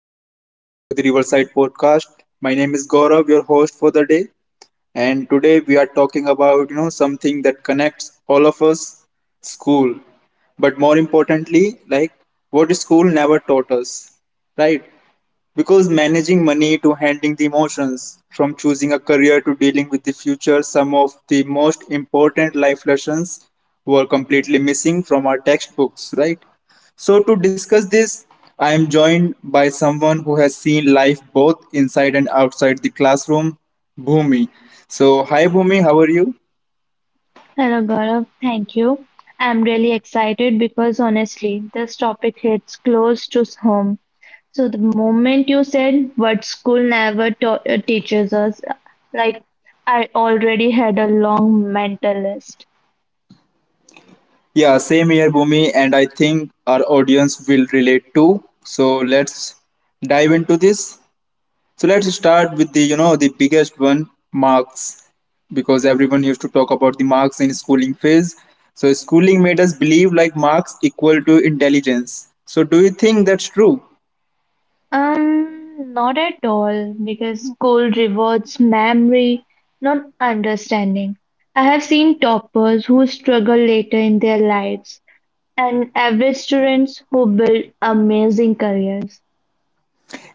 welcome back to the Riverside Podcast. My name is Gaurav, your host for the day, and today we are talking about something that connects all of us, school. But more importantly, like what school never taught us, right? Because managing money to handling the emotions, from choosing a career to dealing with the future, some of the most important life lessons were completely missing from our textbooks, right? So, to discuss this, I am joined by someone who has seen life both inside and outside the classroom, Bhumi. So, hi Bhumi, how are you? Hello, Gaurav. Thank you. I'm really excited because honestly, this topic hits close to home. So, the moment you said what school never teaches us, like I already had a long mental list. Yeah, same here, Bhumi, and I think our audience will relate too. So, let's dive into this. So let's start with the the biggest one, marks, because everyone used to talk about the marks in schooling phase. So schooling made us believe like marks equal to intelligence. So do you think that's true? Not at all, because school rewards memory, not understanding. I have seen toppers who struggle later in their lives and average students who build amazing careers.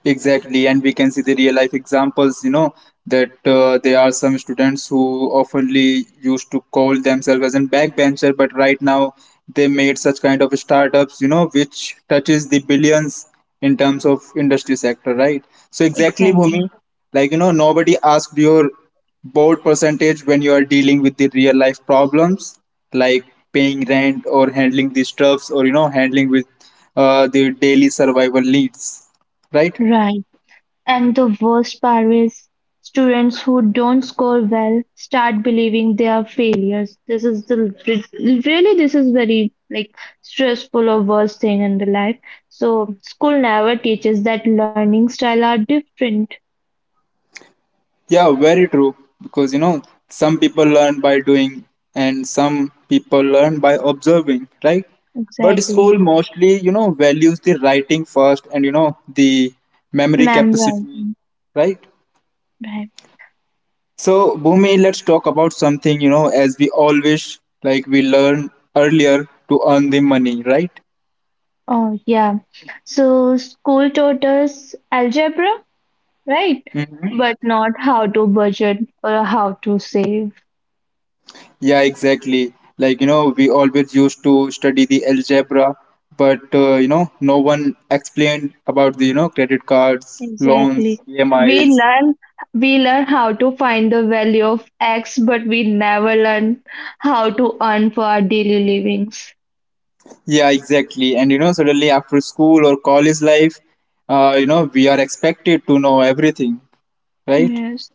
Exactly, and we can see the real life examples, you know, that there are some students who oftenly used to call themselves as a backbencher, but right now they made such kind of startups, you know, which touches the billions in terms of industry sector, right? So exactly, Exactly. Bhumi, like, you know, nobody asked your board percentage when you are dealing with the real life problems, like paying rent or handling the stuffs or, you know, handling with the daily survival needs, right? Right. And the worst part is students who don't score well start believing they are failures. This is the really this is very stressful or worst thing in the life. So school never teaches that learning style are different. Yeah, very true. Because you know, some people learn by doing and some people learn by observing, right? But Exactly. school mostly, you know, values the writing first and you know, the memory capacity, Memorizing. right? Right. Right. So, Bhumi, let's talk about something, you know, as we all wish, like we learn earlier to earn the money, right? Oh yeah. So school taught us algebra, right? Mhm. But not how to budget or how to save. Yeah, exactly. Like, you know, we always used to study the algebra, but, you know, no one explained about the, you know, credit cards, loans, Exactly. We EMIs. learn we learn how to find the value of X, but we never learn how to earn for our daily livings. Yeah, exactly. And, you know, suddenly after school or college life, you know, we are expected to know everything, right? Yes.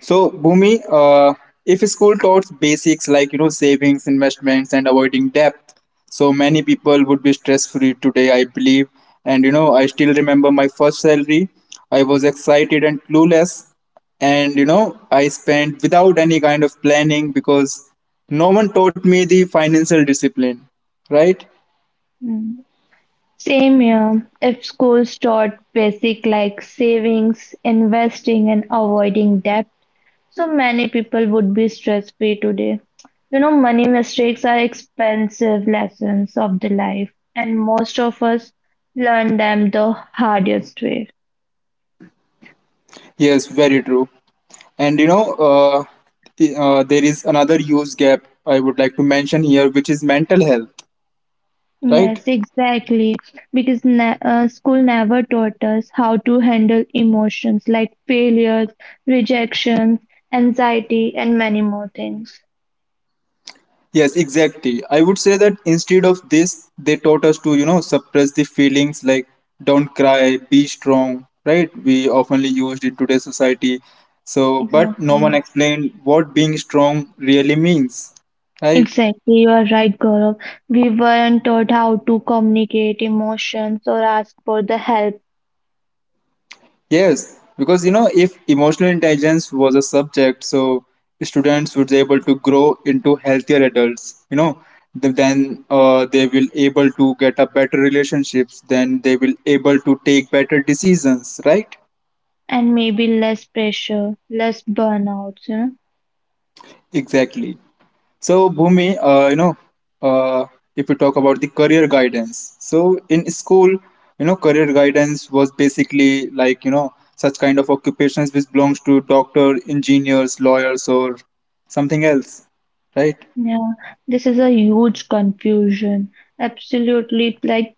So, Bhumi, if school taught basics like you know savings, investments, and avoiding debt, so many people would be stress-free today, I believe. And you know, I still remember my first salary. I was excited and clueless, and you know, I spent without any kind of planning because no one taught me the financial discipline. Right? Mm, same here. If schools taught basic like savings, investing, and avoiding debt, so many people would be stress free today. You know, money mistakes are expensive lessons of the life, and most of us learn them the hardest way. Yes, very true. And you know, there is another use gap I would like to mention here, which is mental health, right? Yes, exactly. Because ne school never taught us how to handle emotions like failures, rejections, anxiety, and many more things. Yes, exactly. I would say that instead of this, they taught us to, you know, suppress the feelings like don't cry, be strong, right? We oftenly used in today's society. So, but no Exactly. one explained what being strong really means, right? Exactly. You are right, Gaurav. We weren't taught how to communicate emotions or ask for the help, Yes, because you know, if emotional intelligence was a subject, so students would be able to grow into healthier adults. You know, then they will able to get a better relationships. Then they will able to take better decisions. Right? and maybe less pressure, less burnouts, you know? Exactly. So, Bhumi, uh, if you talk about the career guidance, so in school, you know, career guidance was basically like you know such kind of occupations which belongs to doctor, engineers, lawyers, or something else, right? Yeah, this is a huge confusion. Absolutely, like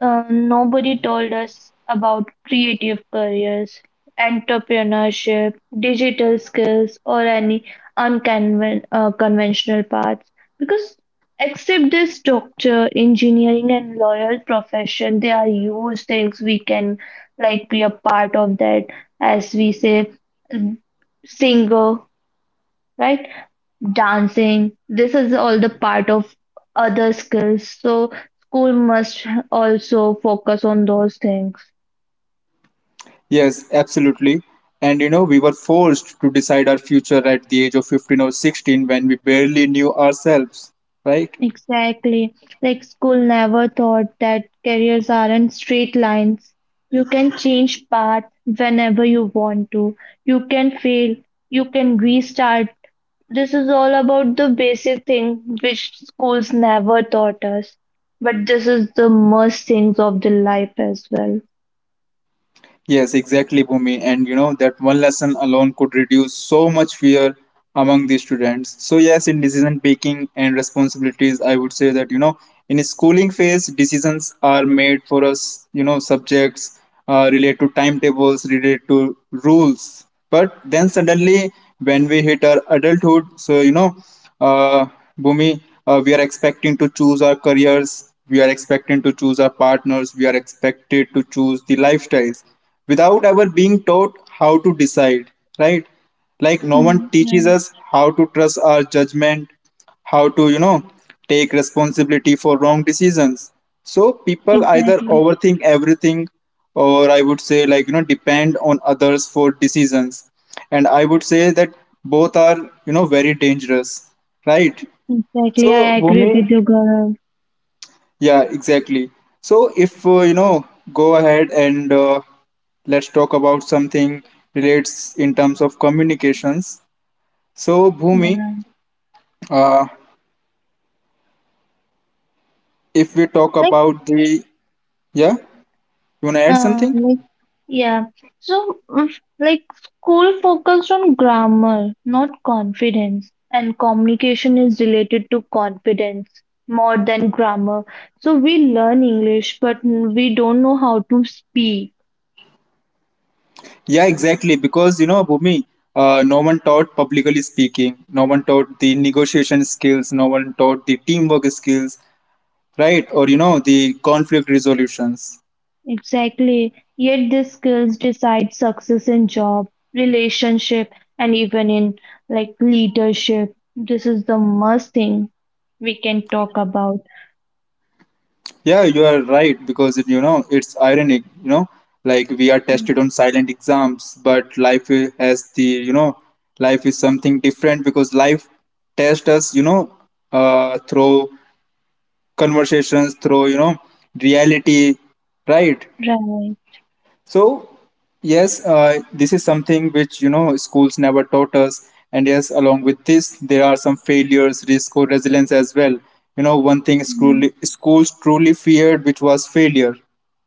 Uh, nobody told us about creative careers, entrepreneurship, digital skills, or any unconven conventional paths. Because except this doctor, engineering, and lawyer profession, they are huge things we can like be a part of that, as we say, mm, singer, right? Dancing. This is all the part of other skills. So school must also focus on those things. Yes, absolutely. And you know, we were forced to decide our future at the age of 15 or 16 when we barely knew ourselves, right? Exactly. Like school never thought that careers aren't straight lines. You can change path whenever you want to. You can fail. You can restart. This is all about the basic thing which schools never taught us. But this is the most things of the life as well. Yes, exactly, Bhumi. And you know that one lesson alone could reduce so much fear among the students. So yes, in decision making and responsibilities, I would say that you know in schooling phase, decisions are made for us. You know, subjects relate to timetables, relate to rules. But then suddenly, when we hit our adulthood, so you know, uh, Bhumi, we are expecting to choose our careers. We are expecting to choose our partners. We are expected to choose the lifestyles without ever being taught how to decide, right? Like no one Mm, teaches right. us how to trust our judgment, how to, you know, take responsibility for wrong decisions. So people either Exactly, overthink everything or I would say like, you know, depend on others for decisions. And I would say that both are, you know, very dangerous, right? exactly. So, I agree with Bhumi, you, Gaurav. yeah, exactly. So if you know, go ahead and let's talk about something relates in terms of communications. So Bhumi, Yeah, uh, if we talk like, about the, yeah, you wanna add uh, something? like, yeah. So, mm, school focused on grammar, not confidence, and communication is related to confidence more than grammar. So we learn English, but we don't know how to speak. Yeah, exactly. Because you know, Bhumi, no one taught publicly speaking. No one taught the negotiation skills. No one taught the teamwork skills, right? Or you know, the conflict resolutions. Exactly. Yet these skills decide success in job, relationship, and even in like leadership. This is the must thing we can talk about. Yeah, you are right because it, you know it's ironic. You know, like we are Mm. tested on silent exams, but has the you know, life is something different because life tests us. You know, through conversations, through you know reality, right? Right. So yes, this is something which you know schools never taught us, and yes, along with this, there are some failures, risk, or resilience as well. You know, one thing school Mm. schools truly feared, which was failure,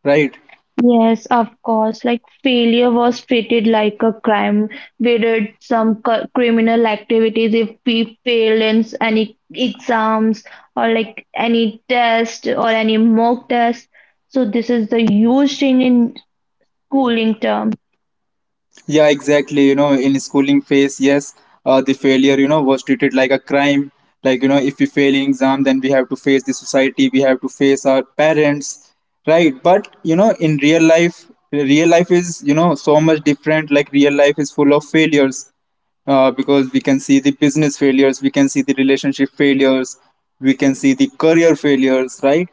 right? Yes, of course. Like failure was treated like a crime. We did some criminal activities if we failed in any exams or like any test or any mock test. So this is the huge change in schooling term, Yeah, exactly. You know, in schooling phase, yes, the failure, you know, was treated like a crime. Like, you know, if we fail in exam, then we have to face the society, we have to face our parents, right? But, you know, in real life is, you know, so much different. Like, real life is full of failures, because we can see the business failures, we can see the relationship failures, we can see the career failures, right?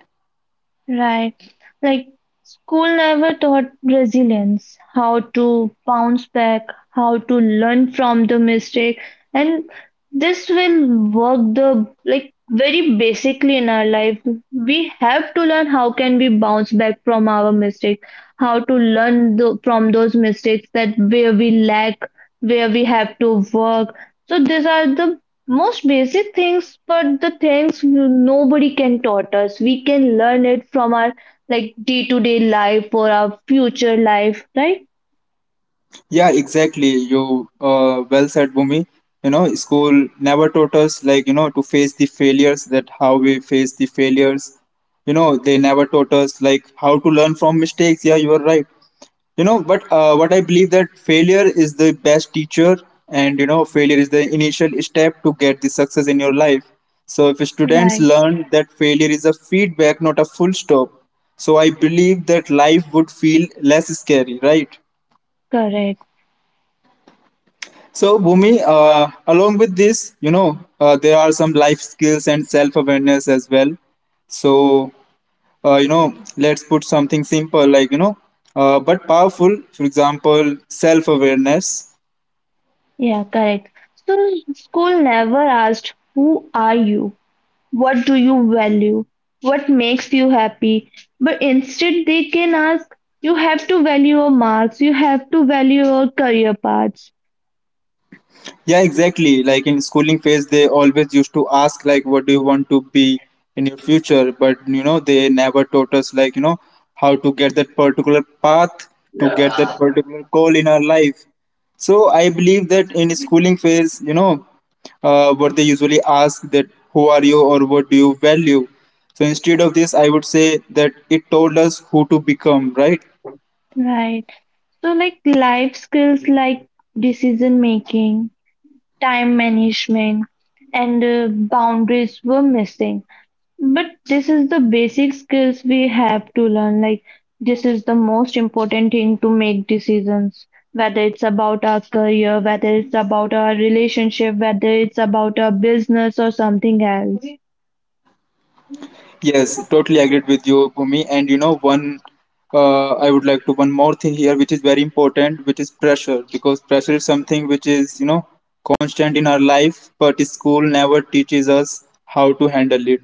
right? Like school never taught resilience, how to bounce back, how to learn from the mistake, and this will work the like very basically in our life. We have to learn how can we bounce back from our mistake, how to learn the, from those mistakes that where we lack, where we have to work. So these are the most basic things, but the things nobody can taught us. We can learn it from our like day-to-day life or our future life, right? Yeah, exactly. You Well said, Bhumi. You know, school never taught us like you know to face the failures. That how we face the failures. You know, they never taught us like how to learn from mistakes. Yeah, you are right. You know, but what I believe that failure is the best teacher, and you know, failure is the initial step to get the success in your life. So if students Right. learn that failure is a feedback, not a full stop, so I believe that life would feel less scary, right? Correct. So, Bhumi, along with this, you know, there are some life skills and self awareness as well. So, you know, let's put something simple like, you know, but powerful, for example, self awareness. Yeah, correct. So school never asked, who are you? What do you value? What makes you happy? But instead they can ask, you have to value your marks, you have to value your career paths. Yeah, exactly, like in schooling phase they always used to ask like what do you want to be in your future, but you know they never taught us like you know how to get that particular path, to get that particular goal in our life. So I believe that in schooling phase, you know, what they usually ask that who are you or what do you value. So instead of this I would say that it told us who to become, right? Right. So like life skills like decision making, time management, and boundaries were missing. But this is the basic skills we have to learn. Like, this is the most important thing to make decisions, whether it's about our career, whether it's about our relationship, whether it's about our business or something else. Yes, totally agreed with you, Bhumi. And you know, one I would like to one more thing here, which is very important, which is pressure, because pressure is something which is you know constant in our life, but school never teaches us how to handle it,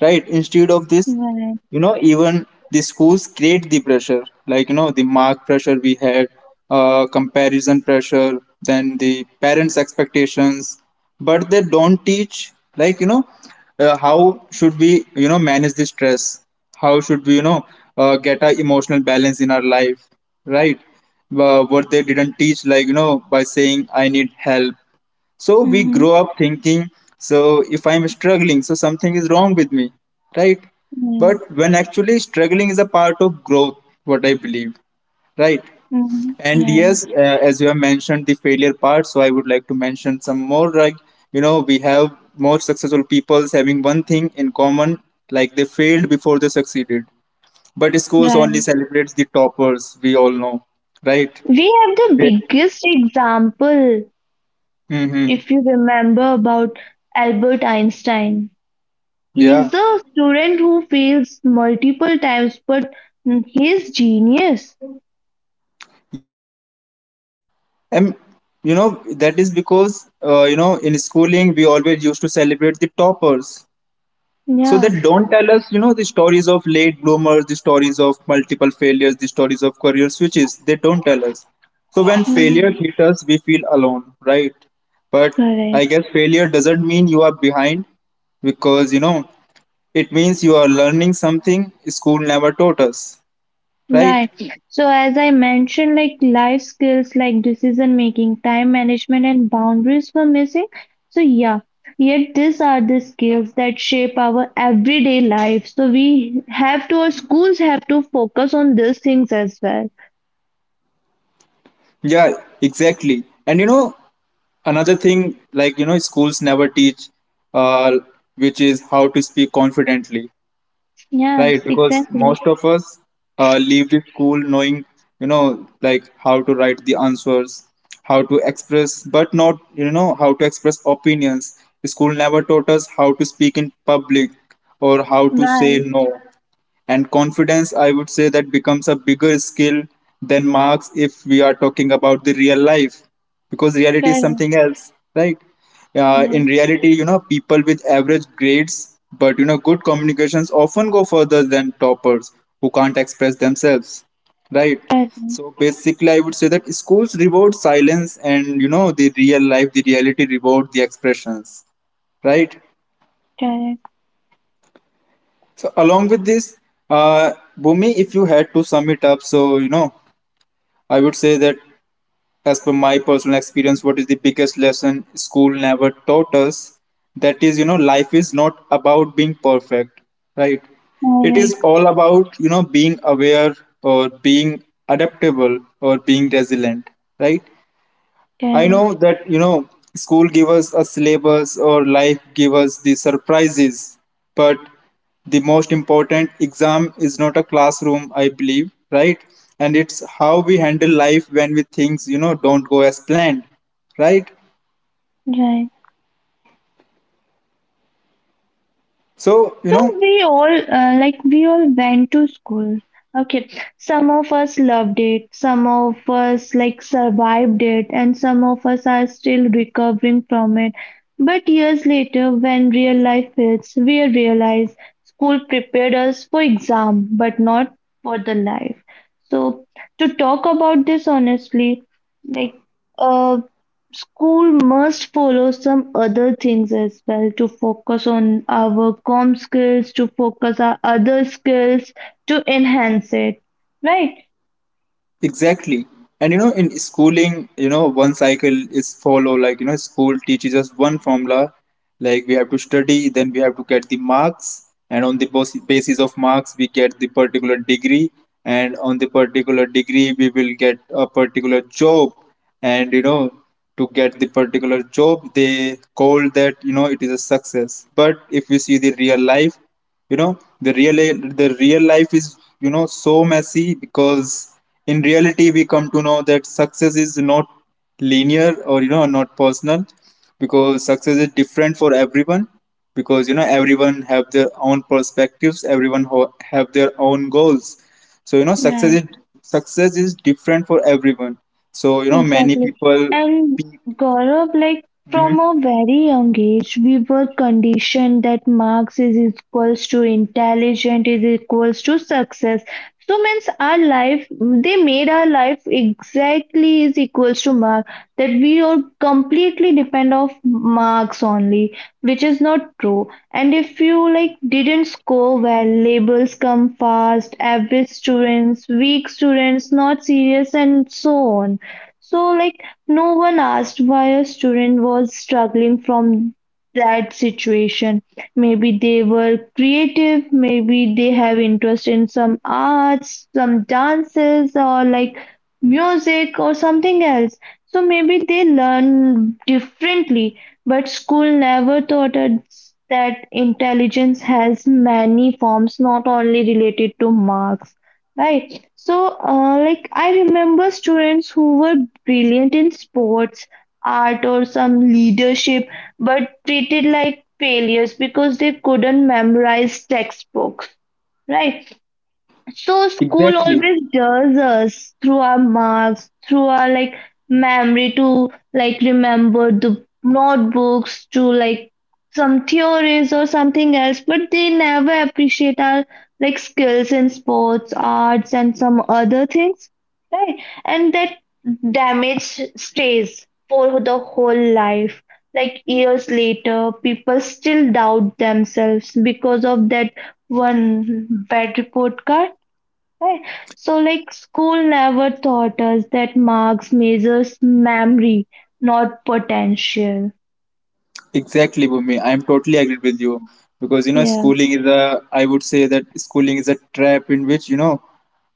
right? Instead of this, Right. you know even the schools create the pressure like you know the mark pressure we had, comparison pressure, then the parents expectations, but they don't teach like you know how should we you know manage the stress, how should we you know get a emotional balance in our life, right? What they didn't teach like you know by saying I need help, so we Mm-hmm. grow up thinking, so if I'm struggling, so something is wrong with me, right? Yeah. But when actually struggling is a part of growth, what I believe, right? Mm-hmm. And Right. yes, as you have mentioned the failure part, so I would like to mention some more. Like you know, we have more successful peoples having one thing in common, like they failed before they succeeded. But schools only Right. celebrates the toppers, we all know, right? We have the They, biggest example, mm-hmm. if you remember, about Albert Einstein. He is Yeah. the student who fails multiple times, but he's genius. Yes, exactly. And you know that is because you know in schooling we always used to celebrate the toppers. So they Yeah. don't tell us you know the stories of late bloomers, the stories of multiple failures, the stories of career switches. They don't tell us. So when failure Mhm. hits us, we feel alone, right? But Correct. I guess failure doesn't mean you are behind because it means you are learning something school never taught us, right? Right. So as I mentioned, like life skills like decision making, time management, and boundaries were missing. So yeah, yet these are the skills that shape our everyday life. So we have to, our schools have to focus on these things as well. Yeah, exactly. And another thing like schools never teach uh, which is how to speak confidently, Yes, right? Because exactly. most of us leave the school knowing like how to write the answers, how to express, but not how to express opinions. The school never taught us how to speak in public or how to say Right. no. And confidence, I would say that becomes a bigger skill than marks if we are talking about the real life, because reality is Correct. something else, right? In Right. reality, people with average grades but good communications often go further than toppers who can't express themselves, right? Correct. So basically I would say that schools reward silence, and the real life, the reality reward the expressions, right? Correct. So along with this, uh, Bhumi, if you had to sum it up, so I would say that as per my personal experience, what is the biggest lesson school never taught us? That is, life is not about being perfect, right? It is Correct. all about being aware or being adaptable or being resilient, right? I Correct, know that school give us a syllabus or life give us the surprises, but the most important exam is not a classroom, I believe, right? And it's how we handle life when we things don't go as planned, right? right. So So we all we all went to school. Okay, some of us loved it, some of us like survived it, and some of us are still recovering from it. But years later, when real life hits, we realize school prepared us for exam, but not for the life. So to talk about this honestly, like uh, school must follow some other things as well to focus on our com skills, to focus our other skills, to enhance it. Right? exactly. And in schooling, one cycle is follow, like, school teaches us one formula, like we have to study, then we have to get the marks, and on the basis of marks, we get the particular degree, and on the particular degree, we will get a particular job. And to get the particular job, they call that, it is a success. But if you see the real life, you know the real the real life is so messy, because in reality we come to know that success is not linear or not personal, because success is different for everyone, because everyone have their own perspectives, everyone have their own goals. So Right. Success is different for everyone. So many Exactly. people And Gaurav, like from mhm, a very young age, we were conditioned that marks is equals to intelligent is equals to success. So means our life, they made our life exactly is equals to mark that we are completely depend of marks only, which is not true. And if you like didn't score well, labels come fast, average students, weak students, not serious, and so on. So, like, no one asked why a student was struggling from that situation. Maybe they were creative, maybe they have interest in some arts, some dances, or like music or something else. So, maybe they learn differently, but school never taught us that intelligence has many forms, not only related to marks, right? So, I remember students who were brilliant in sports, art, or some leadership, but treated like failures because they couldn't memorize textbooks, right? So school exactly. always does us through our marks, through our like memory to like remember the notebooks to like some theories or something else, but they never appreciate our like skills in sports, arts and some other things. Right. And that damage stays for the whole life. Like years later, people still doubt themselves because of that one bad report card. Right. So, like, school never taught us that marks measures memory, not potential. Exactly, Bhumi. I'm totally agreed with you because Yeah. schooling is a. I would say that schooling is a trap in which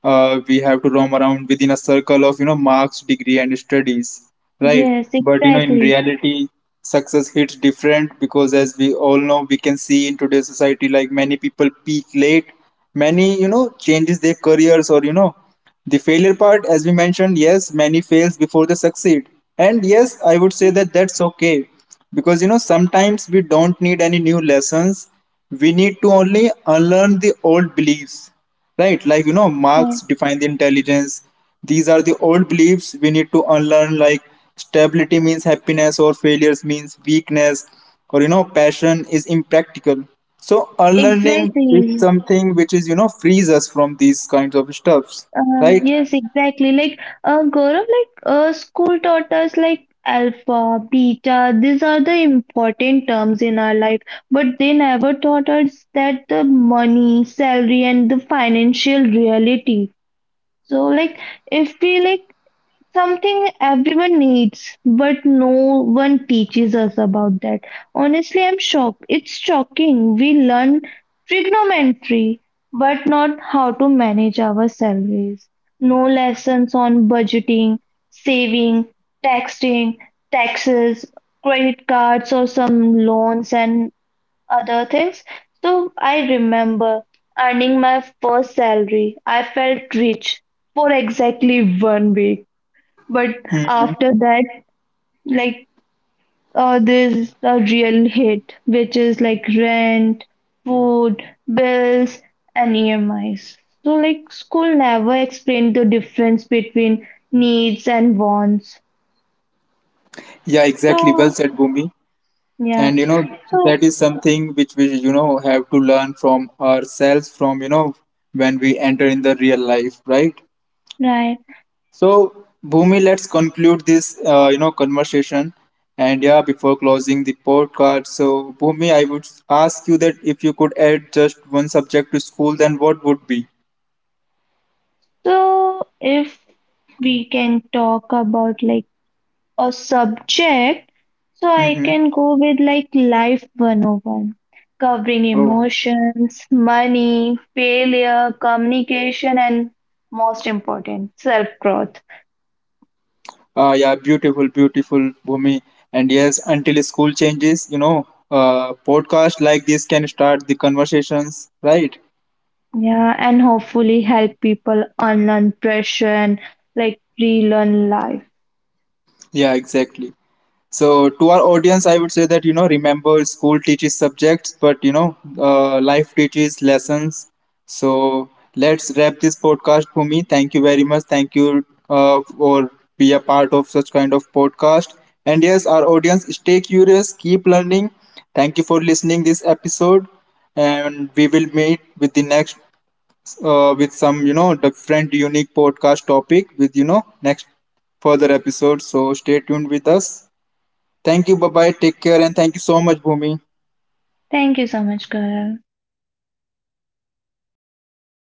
we have to roam around within a circle of marks, degree, and studies, right? Yes, But in exactly. reality, success hits different because, as we all know, we can see in today's society like many people peak late, many changes their careers or the failure part, as we mentioned, yes, many fails before they succeed. And yes, I would say Yes, that that's okay. Because, sometimes we don't need any new lessons. We need to only unlearn the old beliefs, right? Like, right. marks define the intelligence, these are the old beliefs we need to unlearn, like stability means happiness, or failures means weakness, or passion is impractical. So, unlearning is Exactly. something which is frees us from these kinds of stuffs, right? Yes, exactly. Gaurav, school taught us like alpha, beta. These are the important terms in our life, but they never taught us that the money, salary, and the financial reality. So, like, if we like something everyone needs, but no one teaches us about that. Honestly, I'm shocked. It's shocking. We learn trigonometry, but not how to manage our salaries. No lessons on budgeting, saving, taxing, taxes, credit cards, or some loans and other things. So I remember earning my first salary. I felt rich for exactly 1 week. But after that, like there's the real hit, which is like rent, food, bills, and EMIs. So like school never explained the difference between needs and wants. Yeah, exactly. Well So said, Bhumi. yeah, And so that is something which we have to learn from ourselves, from when we enter in the real life, right? right. So, Bhumi, let's conclude this, conversation. And yeah, before closing the podcast, so Bhumi, I would ask you that if you could add just one subject to school, then what would be? So if we can talk about like a subject, so I Mm-hmm. can go with like Life 101, covering Oh, emotions, money, failure, communication, and most important, self growth. Yeah, beautiful, beautiful, Bhumi. And yes, until school changes, podcast like this can start the conversations, right? Yeah, and hopefully help people unlearn pressure and like relearn life. Yeah, exactly. So to our audience, I would say that remember school teaches subjects, but life teaches lessons. So let's wrap this podcast, Bhumi. Thank you very much. Thank you for be a part of such kind of podcast. And yes, our audience, stay curious, keep learning. Thank you for listening this episode, and we will meet with the next with some different unique podcast topic with next further episode. So stay tuned with us. Thank you. Bye bye. Take care. And thank you so much, Bhumi. Thank you so much, Gaurav.